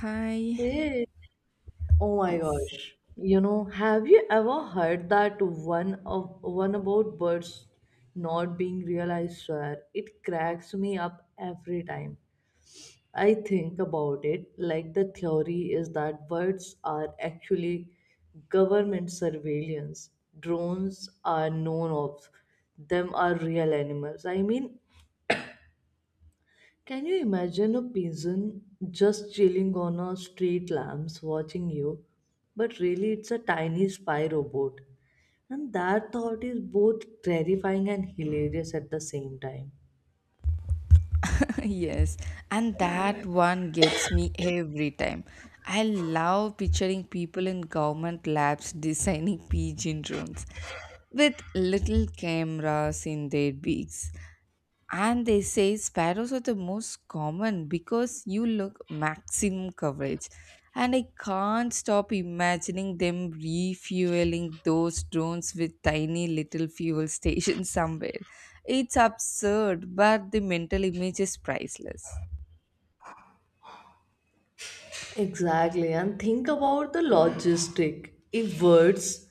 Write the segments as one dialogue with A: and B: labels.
A: Hi.
B: Hey, oh my
A: Yes.
B: gosh. You know, have you ever heard that one of one about birds not being realized, sir? It cracks me up every time. I think about it like the theory is that birds are actually government surveillance. Drones are known of. Them are real animals. Can you imagine a pigeon just chilling on a street lamps watching you? But really, it's a tiny spy robot. And that thought is both terrifying and hilarious at the same time.
A: Yes. And that one gets me every time. I love picturing people in government labs designing pigeon drones with little cameras in their beaks. And they say sparrows are the most common because you look maximum coverage. And I can't stop imagining them refueling those drones with tiny little fuel stations somewhere. It's absurd, but the mental image is priceless.
B: Exactly, and think about the logistic. If words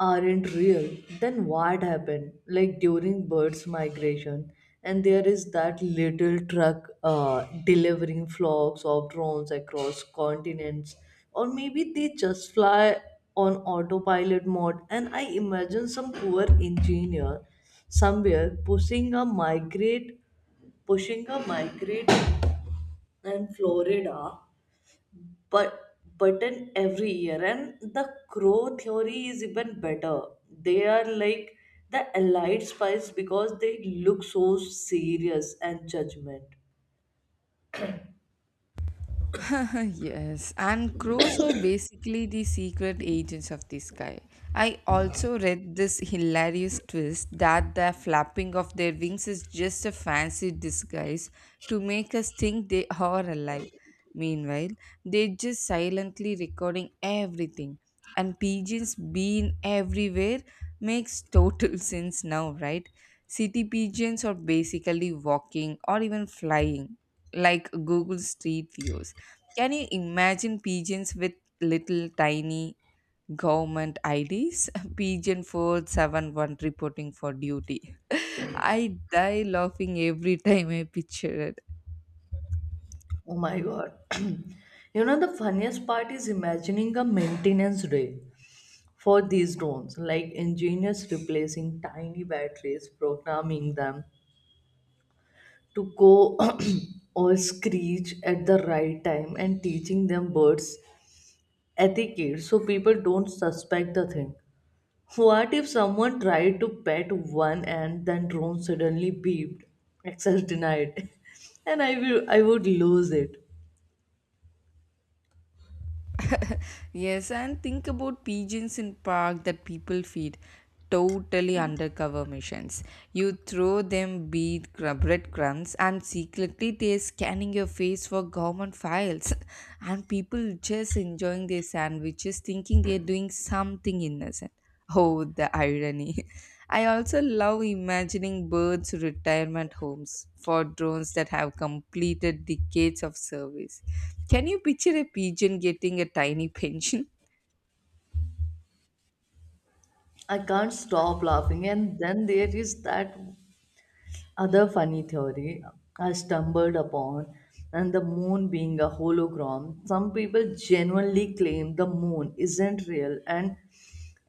B: aren't real, then what happened? Like during birds' migration, and there is that little truck delivering flocks of drones across continents, or maybe they just fly on autopilot mode. And I imagine some poor engineer somewhere pushing a migrate in Florida but button every year. And the crow theory is even better. They are like the allied spies because they look so serious and judgment.
A: Yes, and crows are basically the secret agents of the sky. I also read this hilarious twist that the flapping of their wings is just a fancy disguise to make us think they are alive. Meanwhile, they're just silently recording everything. And pigeons being everywhere makes total sense now, right? City pigeons are basically walking or even flying, like Google Street Views. Can you imagine pigeons with little tiny government IDs? Pigeon 471 reporting for duty. I die laughing every time I picture it.
B: Oh my god, you know the funniest part is imagining a maintenance day for these drones, like engineers replacing tiny batteries, programming them to go or screech at the right time, and teaching them birds etiquette so people don't suspect the thing. What if someone tried to pet one and then drone suddenly beeped? Access denied. And I would lose it.
A: Yes, and think about pigeons in park that people feed. Totally undercover missions. You throw them breadcrumbs and secretly they're scanning your face for government files. And people just enjoying their sandwiches thinking they're doing something innocent. Oh, the irony. I also love imagining birds' retirement homes for drones that have completed decades of service. Can you picture a pigeon getting a tiny pension?
B: I can't stop laughing. And then there is that other funny theory I stumbled upon and the moon being a hologram. Some people genuinely claim the moon isn't real, and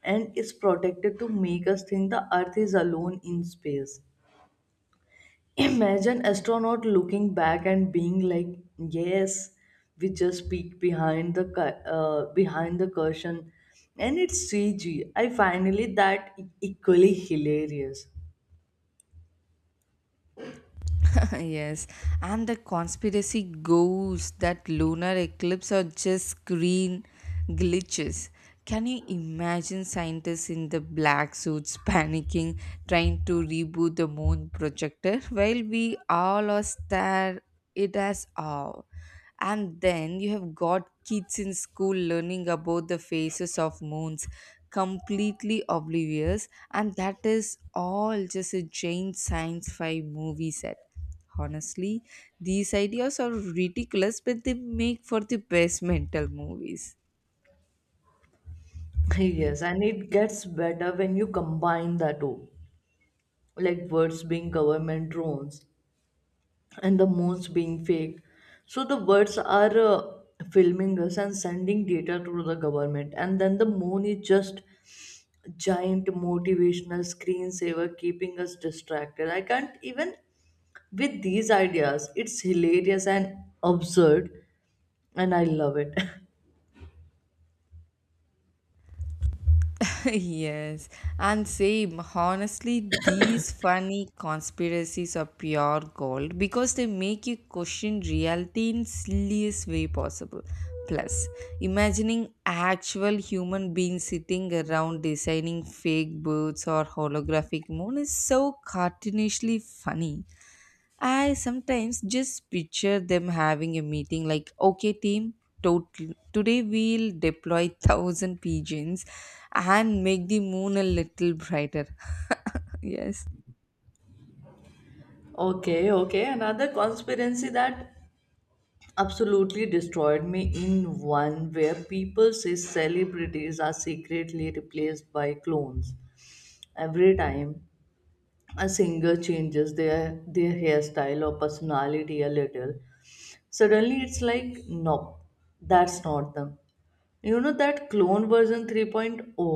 B: and is protected to make us think the earth is alone in space. Imagine astronaut looking back and being like, "Yes, we just peeked behind behind the cushion, and it's CG." I finally that equally hilarious.
A: Yes, and the conspiracy goes that lunar eclipse are just screen glitches. Can you imagine scientists in the black suits panicking, trying to reboot the moon projector while we all are stare it as awe? And then you have got kids in school learning about the phases of moons, completely oblivious, and that is all just a giant science fi movie set. Honestly, these ideas are ridiculous, but they make for the best mental movies.
B: Yes, and it gets better when you combine the two, like birds being government drones and the moons being fake. So the birds are filming us and sending data to the government, and then the moon is just giant motivational screensaver keeping us distracted. I can't even with these ideas. It's hilarious and absurd, and I love it.
A: Yes, and same. Honestly, these funny conspiracies are pure gold because they make you question reality in silliest way possible. Plus, imagining actual human beings sitting around designing fake birds or holographic moon is so cartoonishly funny. I sometimes just picture them having a meeting like, okay, team, Total. Today we'll deploy thousand pigeons and make the moon a little brighter. Yes.
B: Okay, okay. Another conspiracy that absolutely destroyed me in one where people say celebrities are secretly replaced by clones every time a singer changes their hairstyle or personality a little, suddenly it's like nope, that's not them. You know, that clone version 3.0,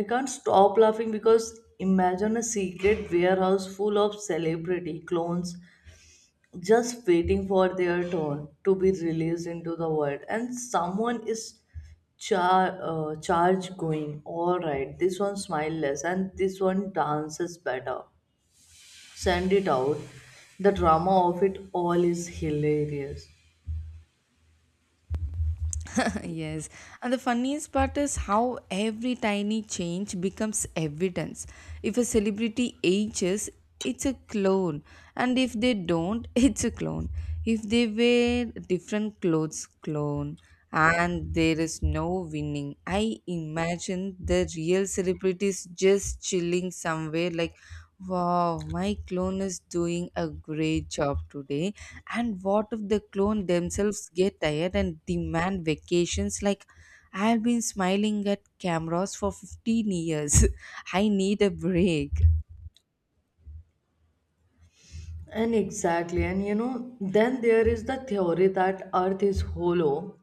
B: I can't stop laughing because imagine a secret warehouse full of celebrity clones just waiting for their turn to be released into the world and someone is charge, going all right, this one smile less and this one dances better, send it out. The drama of it all is hilarious.
A: Yes. And the funniest part is how every tiny change becomes evidence. If a celebrity ages, it's a clone. And if they don't, it's a clone. If they wear different clothes, clone. And there is no winning. I imagine the real celebrities just chilling somewhere like, wow, my clone is doing a great job today. And what if the clone themselves get tired and demand vacations? Like, I've been smiling at cameras for 15 years. I need a break.
B: And exactly, and you know, then there is the theory that Earth is hollow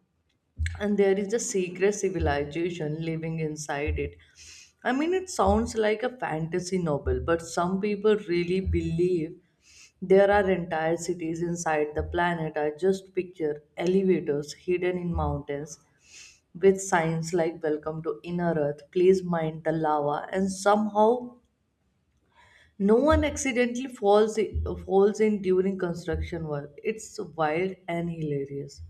B: and there is a secret civilization living inside it. I mean, it sounds like a fantasy novel, but some people really believe there are entire cities inside the planet. I just picture elevators hidden in mountains with signs like Welcome to Inner Earth, please mind the lava, and somehow no one accidentally falls in during construction work. It's wild and hilarious.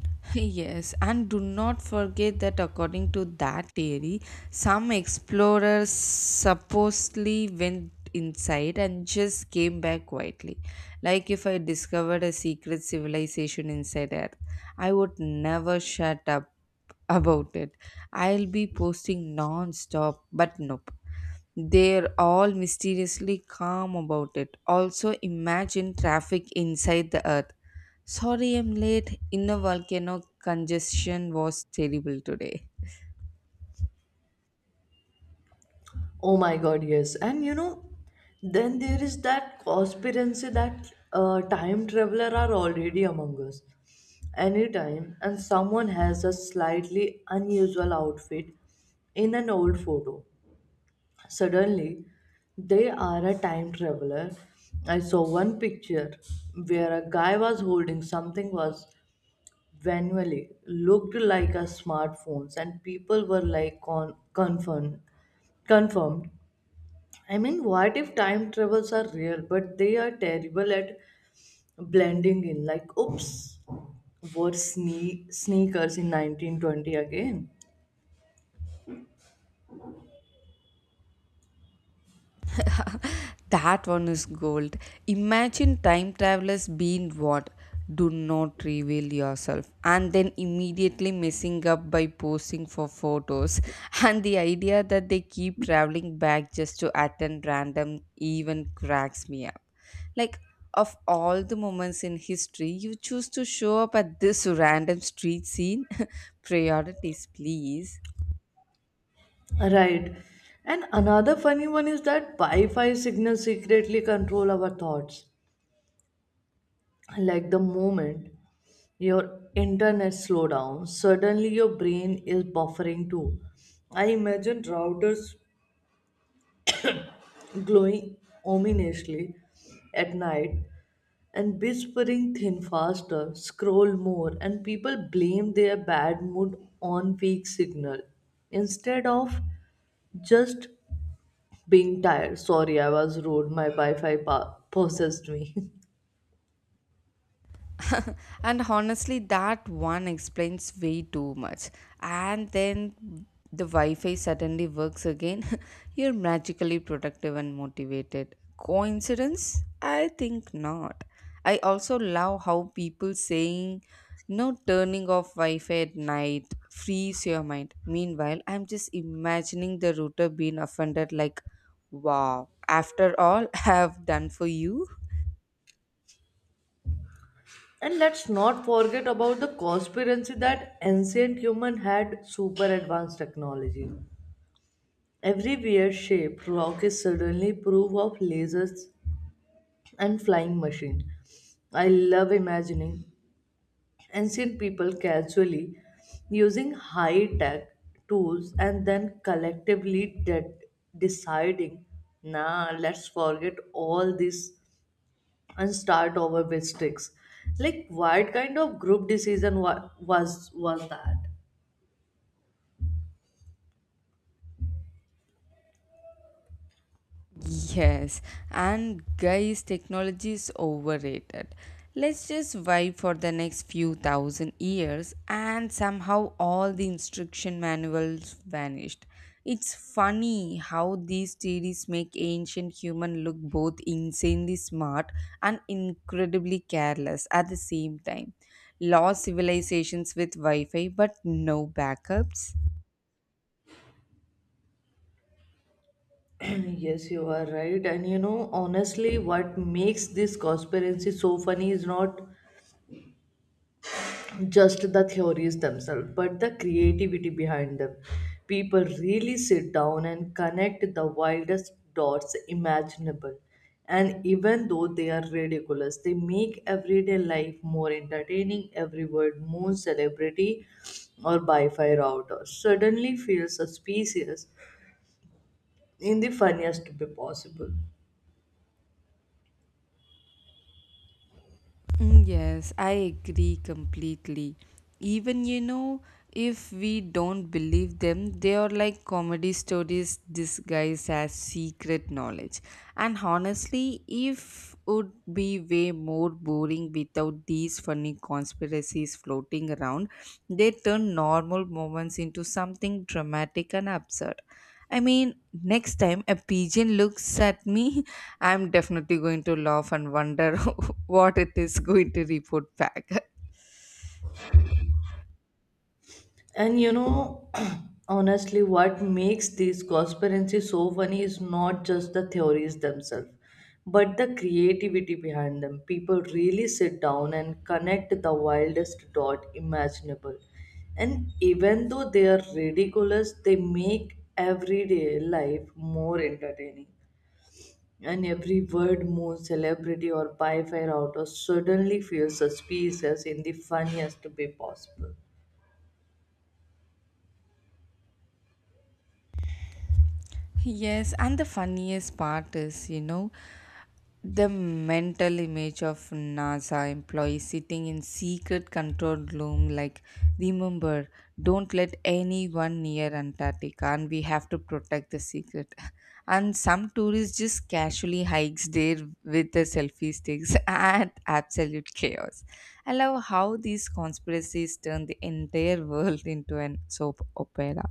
A: Yes, and do not forget that according to that theory, some explorers supposedly went inside and just came back quietly. Like if I discovered a secret civilization inside Earth, I would never shut up about it. I'll be posting non-stop, but nope. They're all mysteriously calm about it. Also, imagine traffic inside the earth. Sorry I'm late. Inner volcano congestion was terrible today.
B: Oh my god, yes. And you know, then there is that conspiracy that time traveler are already among us. Anytime, and someone has a slightly unusual outfit in an old photo. Suddenly, they are a time traveler. I saw one picture where a guy was holding something was Vanwell looked like a smartphone, and people were like confirmed. Confirmed. I mean, what if time travels are real, but they are terrible at blending in? Like, oops, wore sneakers in 1920 again.
A: That one is gold. Imagine time travelers being what? Do not reveal yourself. And then immediately messing up by posing for photos. And the idea that they keep traveling back just to attend random even cracks me up. Like, of all the moments in history, you choose to show up at this random street scene? Priorities, please.
B: Right. And another funny one is that Wi Fi signals secretly control our thoughts. Like the moment your internet slow down, suddenly your brain is buffering too. I imagine routers glowing ominously at night and whispering thin faster scroll more, and people blame their bad mood on weak signal instead of just being tired. Sorry I was rude, my possessed me.
A: And honestly, that one explains way too much. And then the Wi Fi suddenly works again. You're magically productive and motivated. Coincidence? I think not. I also love how people saying no turning off Wi Fi at night frees your mind. Meanwhile, I'm just imagining the router being offended, like, wow, after all I have done for you.
B: And let's not forget about the conspiracy that ancient human had super advanced technology. Every weird shape rock is suddenly proof of lasers and flying machine. I love imagining ancient people casually using high tech tools and then collectively deciding, nah, let's forget all this and start over with sticks. Like what kind of group decision was that?
A: Yes, and guys, technology is overrated. Let's just vibe for the next few thousand years, and somehow all the instruction manuals vanished. It's funny how these theories make ancient human look both insanely smart and incredibly careless at the same time. Lost civilizations with Wi-Fi, but no backups.
B: Yes, you are right. And you know, honestly, what makes this conspiracy so funny is not just the theories themselves, but the creativity behind them. People really sit down and connect the wildest dots imaginable. And even though they are ridiculous, they make everyday life more entertaining, every word more celebrity or Wi Fi router suddenly feels suspicious in the funniest way possible.
A: Mm, yes, I agree completely. Even, if we don't believe them, they are like comedy stories disguised as secret knowledge. And honestly, if would be way more boring without these funny conspiracies floating around. They turn normal moments into something dramatic and absurd. I mean, next time a pigeon looks at me, I'm definitely going to laugh and wonder what it is going to report back.
B: And you know, honestly, what makes these conspiracy so funny is not just the theories themselves, but the creativity behind them. People really sit down and connect the wildest dot imaginable. And even though they are ridiculous, they make everyday life more entertaining. And every word, more celebrity or Wi-Fi router suddenly feels suspicious in the funniest way possible.
A: Yes, and the funniest part is, the mental image of NASA employees sitting in secret control room like remember, don't let anyone near Antarctica and we have to protect the secret and some tourists just casually hikes there with the selfie sticks and absolute chaos. I love how these conspiracies turn the entire world into an soap opera.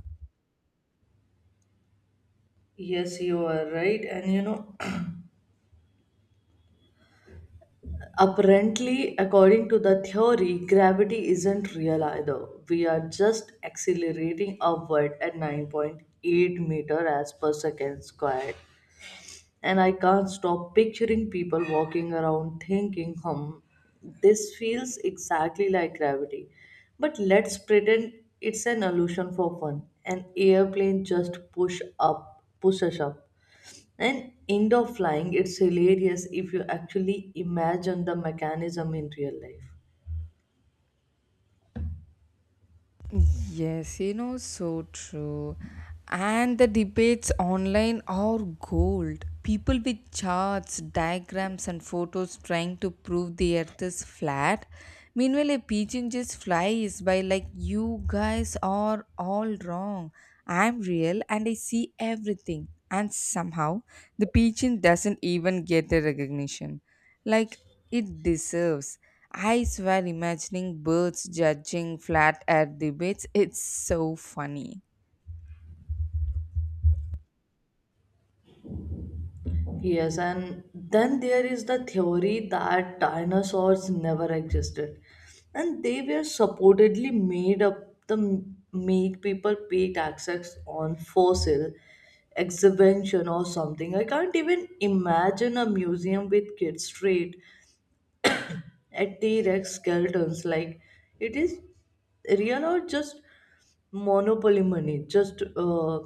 B: Yes, you are right. And you know, apparently, according to the theory, gravity isn't real either. We are just accelerating upward at 9.8-meter as per second squared. And I can't stop picturing people walking around thinking, hmm, this feels exactly like gravity. But let's pretend it's an illusion for fun. An airplane just pushes up and indoor flying, it's hilarious if you actually imagine the mechanism in real life.
A: Yes, you know, so true. And the debates online are gold. People with charts, diagrams, and photos trying to prove the earth is flat. Meanwhile, a pigeon just flies by like, you guys are all wrong. I'm real and I see everything. And somehow, the pigeon doesn't even get the recognition like it deserves. I swear, imagining birds judging flat air debates, it's so funny.
B: Yes, and then there is the theory that dinosaurs never existed and they were supposedly made up to make people pay taxes on fossil exhibition or something. I can't even imagine a museum with kids straight at the Rex skeletons. Like, it is real or just monopoly money? Just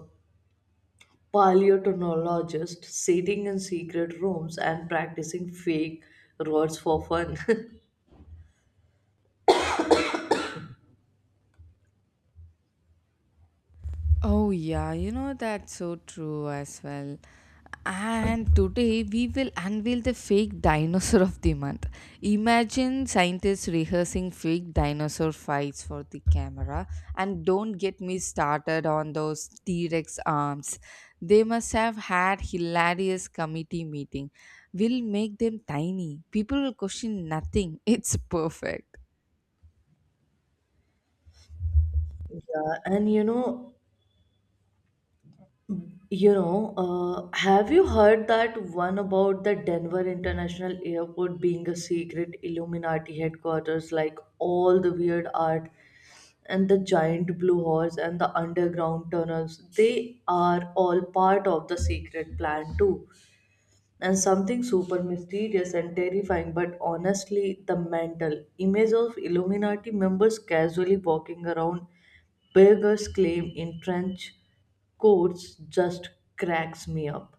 B: paleontologists sitting in secret rooms and practicing fake rods for fun.
A: Oh, yeah, you know, that's so true as well. And today we will unveil the fake dinosaur of the month. Imagine scientists rehearsing fake dinosaur fights for the camera. And don't get me started on those T Rex arms. They must have had hilarious committee meeting. We'll make them tiny. People will question nothing. It's perfect.
B: Yeah, and you know, you know, have you heard that one about the Denver International Airport being a secret Illuminati headquarters, like all the weird art and the giant blue horse and the underground tunnels? They are all part of the secret plan, too, and something super mysterious and terrifying, but honestly, the mental image of Illuminati members casually walking around beggars' claim in trench coats just cracks me up.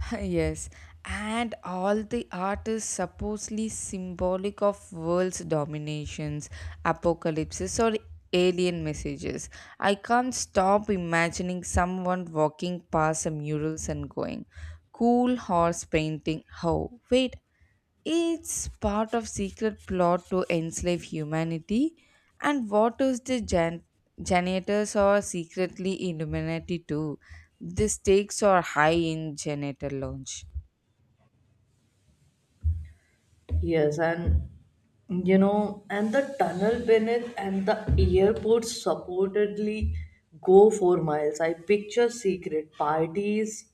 A: Yes, and all the art is supposedly symbolic of world's dominations, apocalypses, or alien messages. I can't stop imagining someone walking past the murals and going, cool horse painting. Oh, wait, it's part of secret plot to enslave humanity, and what is the janitors are secretly Illuminati too? The stakes are high in janitor launch.
B: Yes, and you know, and the tunnel beneath and the airport supposedly go for miles. I picture secret parties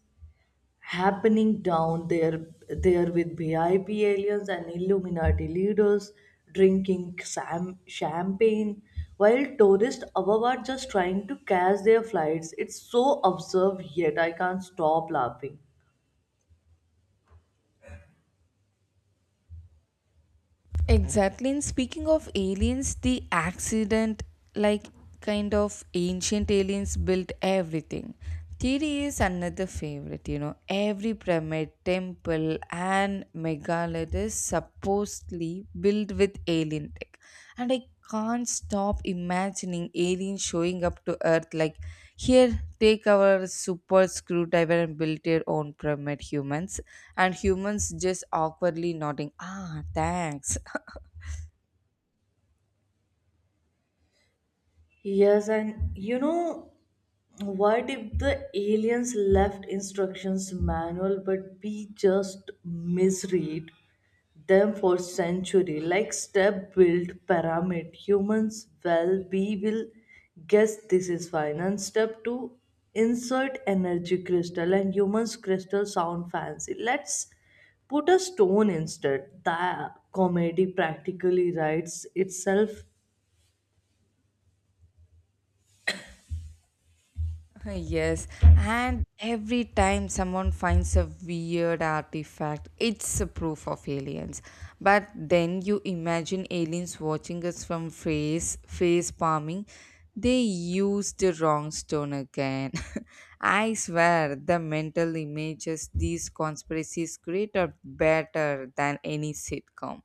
B: happening down there with VIP aliens and Illuminati leaders drinking champagne while tourists above are just trying to catch their flights. It's so absurd yet I can't stop laughing.
A: Exactly. And speaking of aliens, the accident, like kind of ancient aliens, built everything. Theory is another favorite, you know. Every pyramid, temple, and megalith is supposedly built with alien tech. And I can't stop imagining aliens showing up to Earth like, here, take our super screwdriver and build your own pyramid, humans. And humans just awkwardly nodding, ah, thanks.
B: Yes, and you know, what if the aliens left instructions manual but we just misread them for century like step build pyramid humans, well we will guess this is fine, and step 2 insert energy crystal, and humans crystal sound fancy, let's put a stone instead. The comedy practically writes itself.
A: Yes, and every time someone finds a weird artifact, it's a proof of aliens. But then you imagine aliens watching us from face palming. They used the wrong stone again. I swear, the mental images these conspiracies create are better than any sitcom.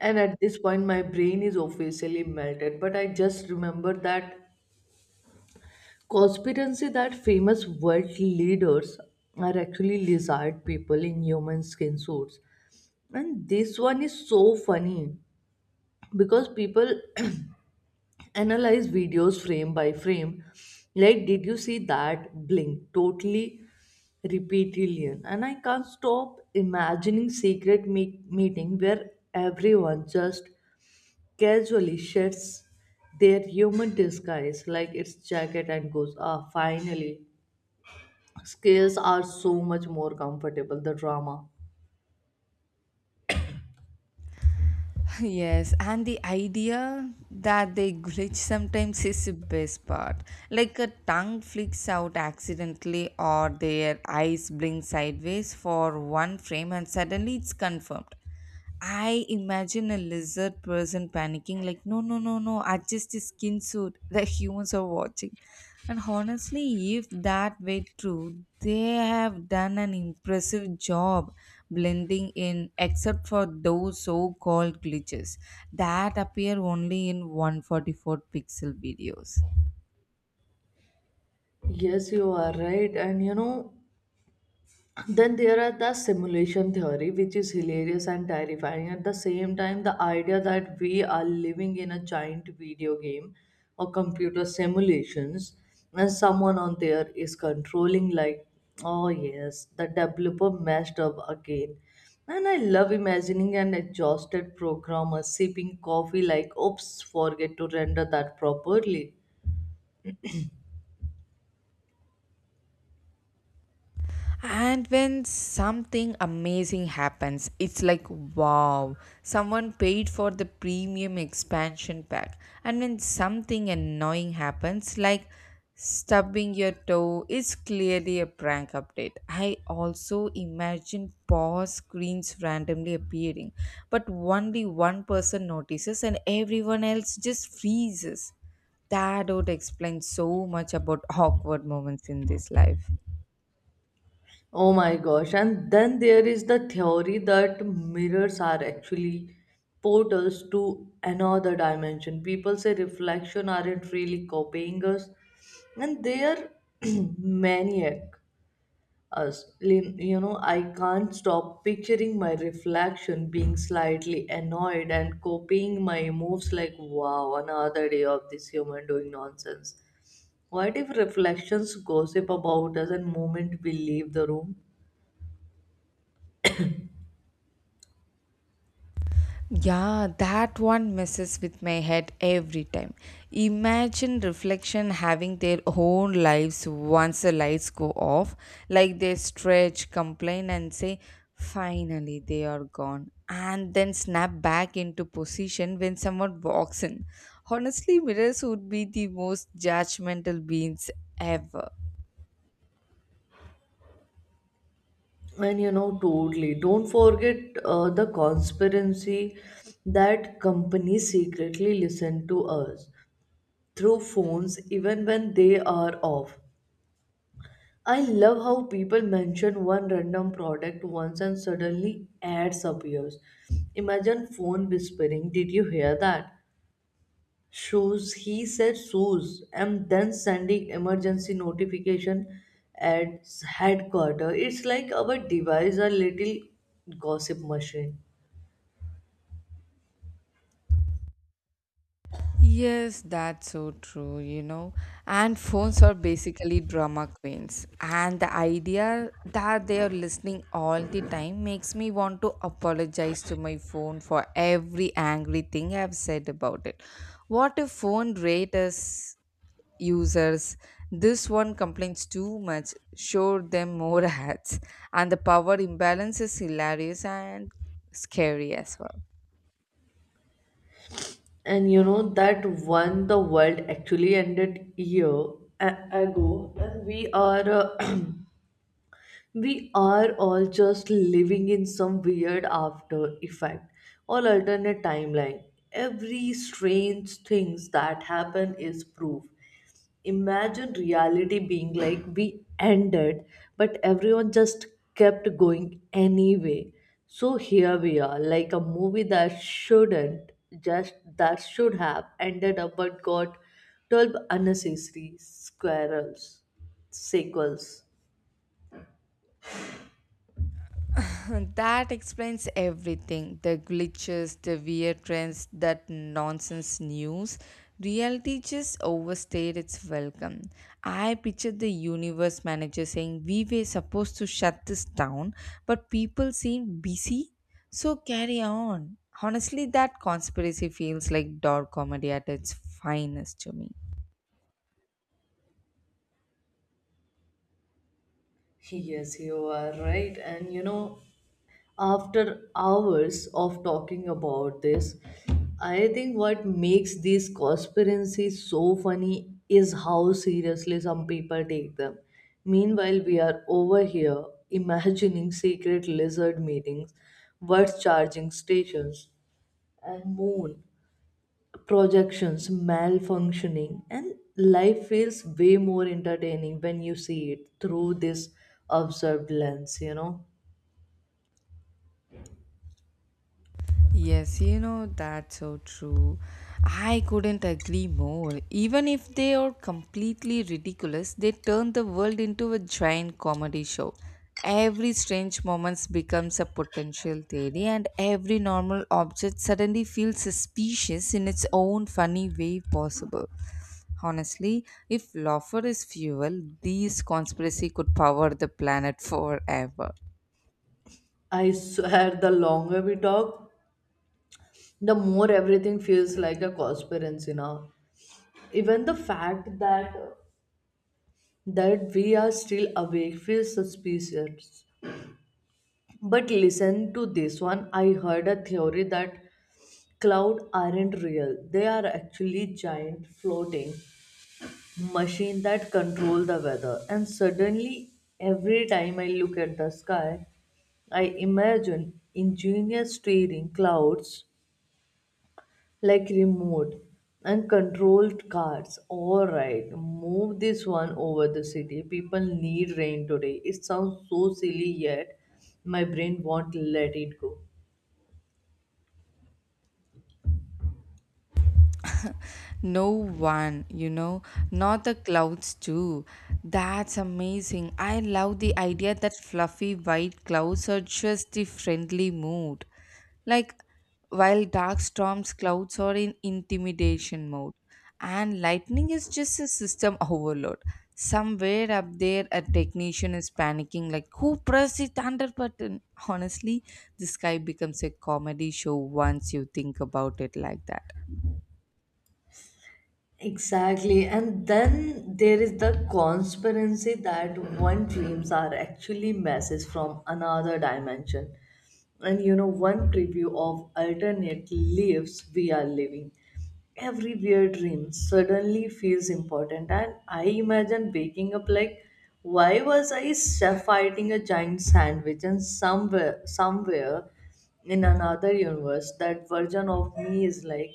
B: And at this point, my brain is officially melted. But I just remember that conspiracy that famous world leaders are actually lizard people in human skin suits. And this one is so funny because people analyze videos frame by frame. Like, did you see that blink? Totally reptilian. And I can't stop imagining secret meeting where everyone just casually shifts their human disguise like its jacket and goes, ah, finally, scales are so much more comfortable, the drama.
A: Yes, and the idea that they glitch sometimes is the best part. Like a tongue flicks out accidentally, or their eyes blink sideways for one frame, and suddenly it's confirmed. I imagine a lizard person panicking, like, no, no, no, no, adjust the skin suit. The humans are watching. And honestly, if that were true, they have done an impressive job blending in, except for those so called glitches that appear only in 144 pixel videos.
B: Yes, you are right. And you know, then there are the simulation theory, which is hilarious and terrifying. At the same time, the idea that we are living in a giant video game or computer simulations, and someone on there is controlling, like, oh yes, the developer messed up again. And I love imagining an exhausted programmer sipping coffee, like, oops, forget to render that properly.
A: And when something amazing happens, it's like, wow, someone paid for the premium expansion pack. And when something annoying happens, like stubbing your toe, is clearly a prank update. I also imagine pause screens randomly appearing, but only one person notices and everyone else just freezes. That would explain so much about awkward moments in this life.
B: Oh my gosh. And then there is the theory that mirrors are actually portals to another dimension. People say reflection aren't really copying us, and they are maniac us. You know, I can't stop picturing my reflection being slightly annoyed and copying my moves like, wow, another day of this human doing nonsense. What if reflections gossip about us and moment we leave the room?
A: Yeah, that one messes with my head every time. Imagine reflection having their own lives once the lights go off, like they stretch, complain, and say, finally they are gone, and then snap back into position when someone walks in. Honestly, mirrors would be the most judgmental beings ever.
B: And you know, totally. Don't forget the conspiracy that companies secretly listen to us through phones even when they are off. I love how people mention one random product once and suddenly ads appears. Imagine phone whispering, did you hear that? Shows he said shoes, and then sending emergency notification at headquarters. It's like our device a little gossip machine.
A: Yes, that's so true, you know. And phones are basically drama queens. And the idea that they are listening all the time makes me want to apologize to my phone for every angry thing I've said about it. What if phone rate us users? This one complains too much, show them more ads. And the power imbalance is hilarious and scary as well.
B: And you know that one the world actually ended year ago, and we are we are all just living in some weird after effect or alternate timeline. Every strange things that happen is proof. Imagine reality being like we ended, but everyone just kept going anyway. So here we are, like a movie that shouldn't just that should have ended up but got 12 unnecessary squirrels sequels.
A: That explains everything, the glitches, the weird trends, that nonsense news. Reality just overstayed its welcome. I pictured the universe manager saying, we were supposed to shut this down, but people seem busy, so carry on. Honestly, that conspiracy feels like dark comedy at its finest to me.
B: Yes, you are right. And you know, after hours of talking about this, I think what makes these conspiracies so funny is how seriously some people take them. Meanwhile, we are over here imagining secret lizard meetings, worth charging stations, and moon projections, malfunctioning, and life feels way more entertaining when you see it through this observed lens, you know.
A: Yes, you know, that's so true. I couldn't agree more. Even if they are completely ridiculous, they turn the world into a giant comedy show. Every strange moment becomes a potential theory, and every normal object suddenly feels suspicious in its own funny way possible. Honestly, if laughter is fuel, these conspiracy could power the planet forever.
B: I swear, the longer we talk, the more everything feels like a conspiracy now. Even the fact that we are still awake feels suspicious. But listen to this one. I heard a theory that cloud aren't real. They are actually giant floating machine that control the weather, and suddenly every time I look at the sky I imagine engineers steering clouds like remote and controlled cars, all right move this one over the city people need rain today. It sounds so silly yet my brain won't let it go.
A: No one, you know, not the clouds too. That's amazing. I love the idea that fluffy white clouds are just the friendly mood. Like while dark storms clouds are in intimidation mode and lightning is just a system overload. Somewhere up there a technician is panicking like who pressed the thunder button? Honestly, the sky becomes a comedy show once you think about it like that.
B: Exactly. And then there is the conspiracy that one dreams are actually messages from another dimension, and you know one preview of alternate lives we are living. Every weird dream suddenly feels important, and I imagine waking up like, why was fighting a giant sandwich, and somewhere in another universe that version of me is like,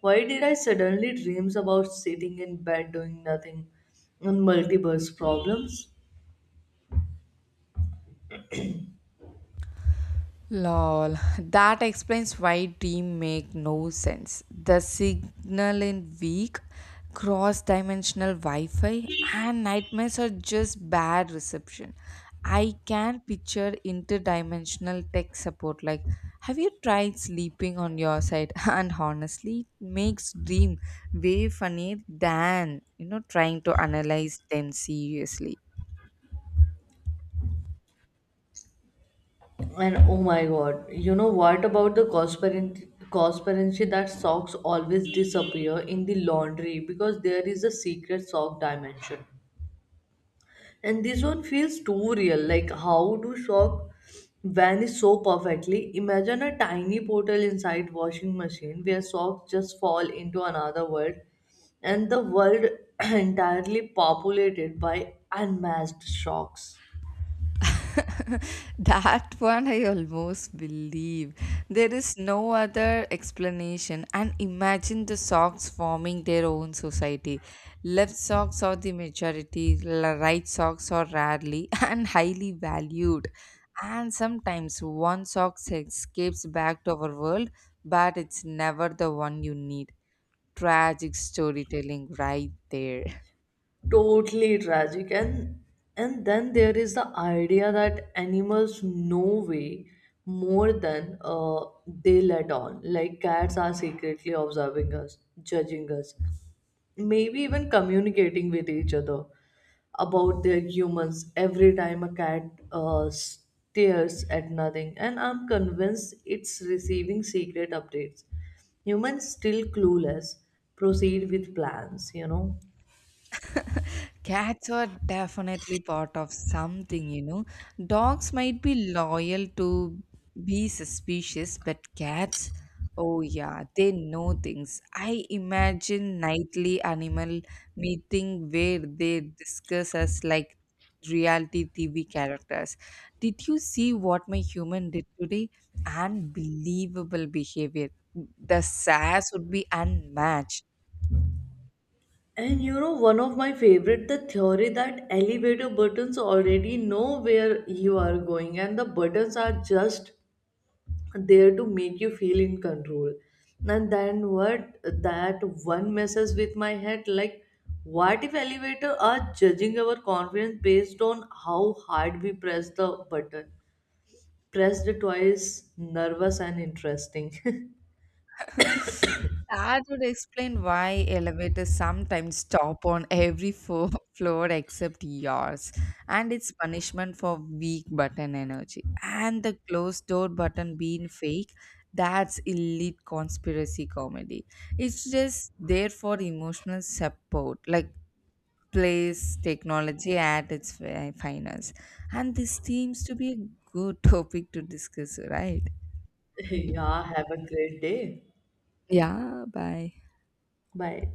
B: why did I suddenly dreams about sitting in bed doing nothing, and multiverse problems.
A: Lol, that explains why dream make no sense. The signal in weak, cross-dimensional Wi-Fi and nightmares are just bad reception. I can picture interdimensional tech support like have you tried sleeping on your side? And honestly, it makes dream way funnier than you know trying to analyze them seriously.
B: And oh my god, you know what about the conspiracy that socks always disappear in the laundry because there is a secret sock dimension. And this one feels too real. Like, how do sock vanish so perfectly? Imagine a tiny portal inside washing machine where socks just fall into another world, and the world entirely populated by unmatched socks.
A: That one I almost believe. There is no other explanation. And imagine the socks forming their own society. Left socks are the majority, right socks are rarely and highly valued. And sometimes one sock escapes back to our world, but it's never the one you need. Tragic storytelling right there.
B: Totally tragic. And then there is the idea that animals know way more than they let on, like cats are secretly observing us, judging us, maybe even communicating with each other about their humans. Every time a cat stares at nothing, and I'm convinced it's receiving secret updates, humans still clueless, proceed with plans, you know.
A: Cats are definitely part of something, you know. Dogs might be loyal to be suspicious, but cats, oh yeah, they know things. I imagine nightly animal meeting where they discuss us like reality TV characters. Did you see what my human did today? Unbelievable behavior. The sass would be unmatched.
B: And you know, one of my favorite, the theory that elevator buttons already know where you are going, and the buttons are just there to make you feel in control. And then what that one messes with my head like, what if elevator are judging our confidence based on how hard we press the button? Pressed twice, nervous and interesting.
A: That would explain why elevators sometimes stop on every floor except yours, and it's punishment for weak button energy. And the closed door button being fake, that's elite conspiracy comedy. It's just there for emotional support, like place technology at its finest. And this seems to be a good topic to discuss, right?
B: Yeah, have a great day.
A: Yeah, bye.
B: Bye.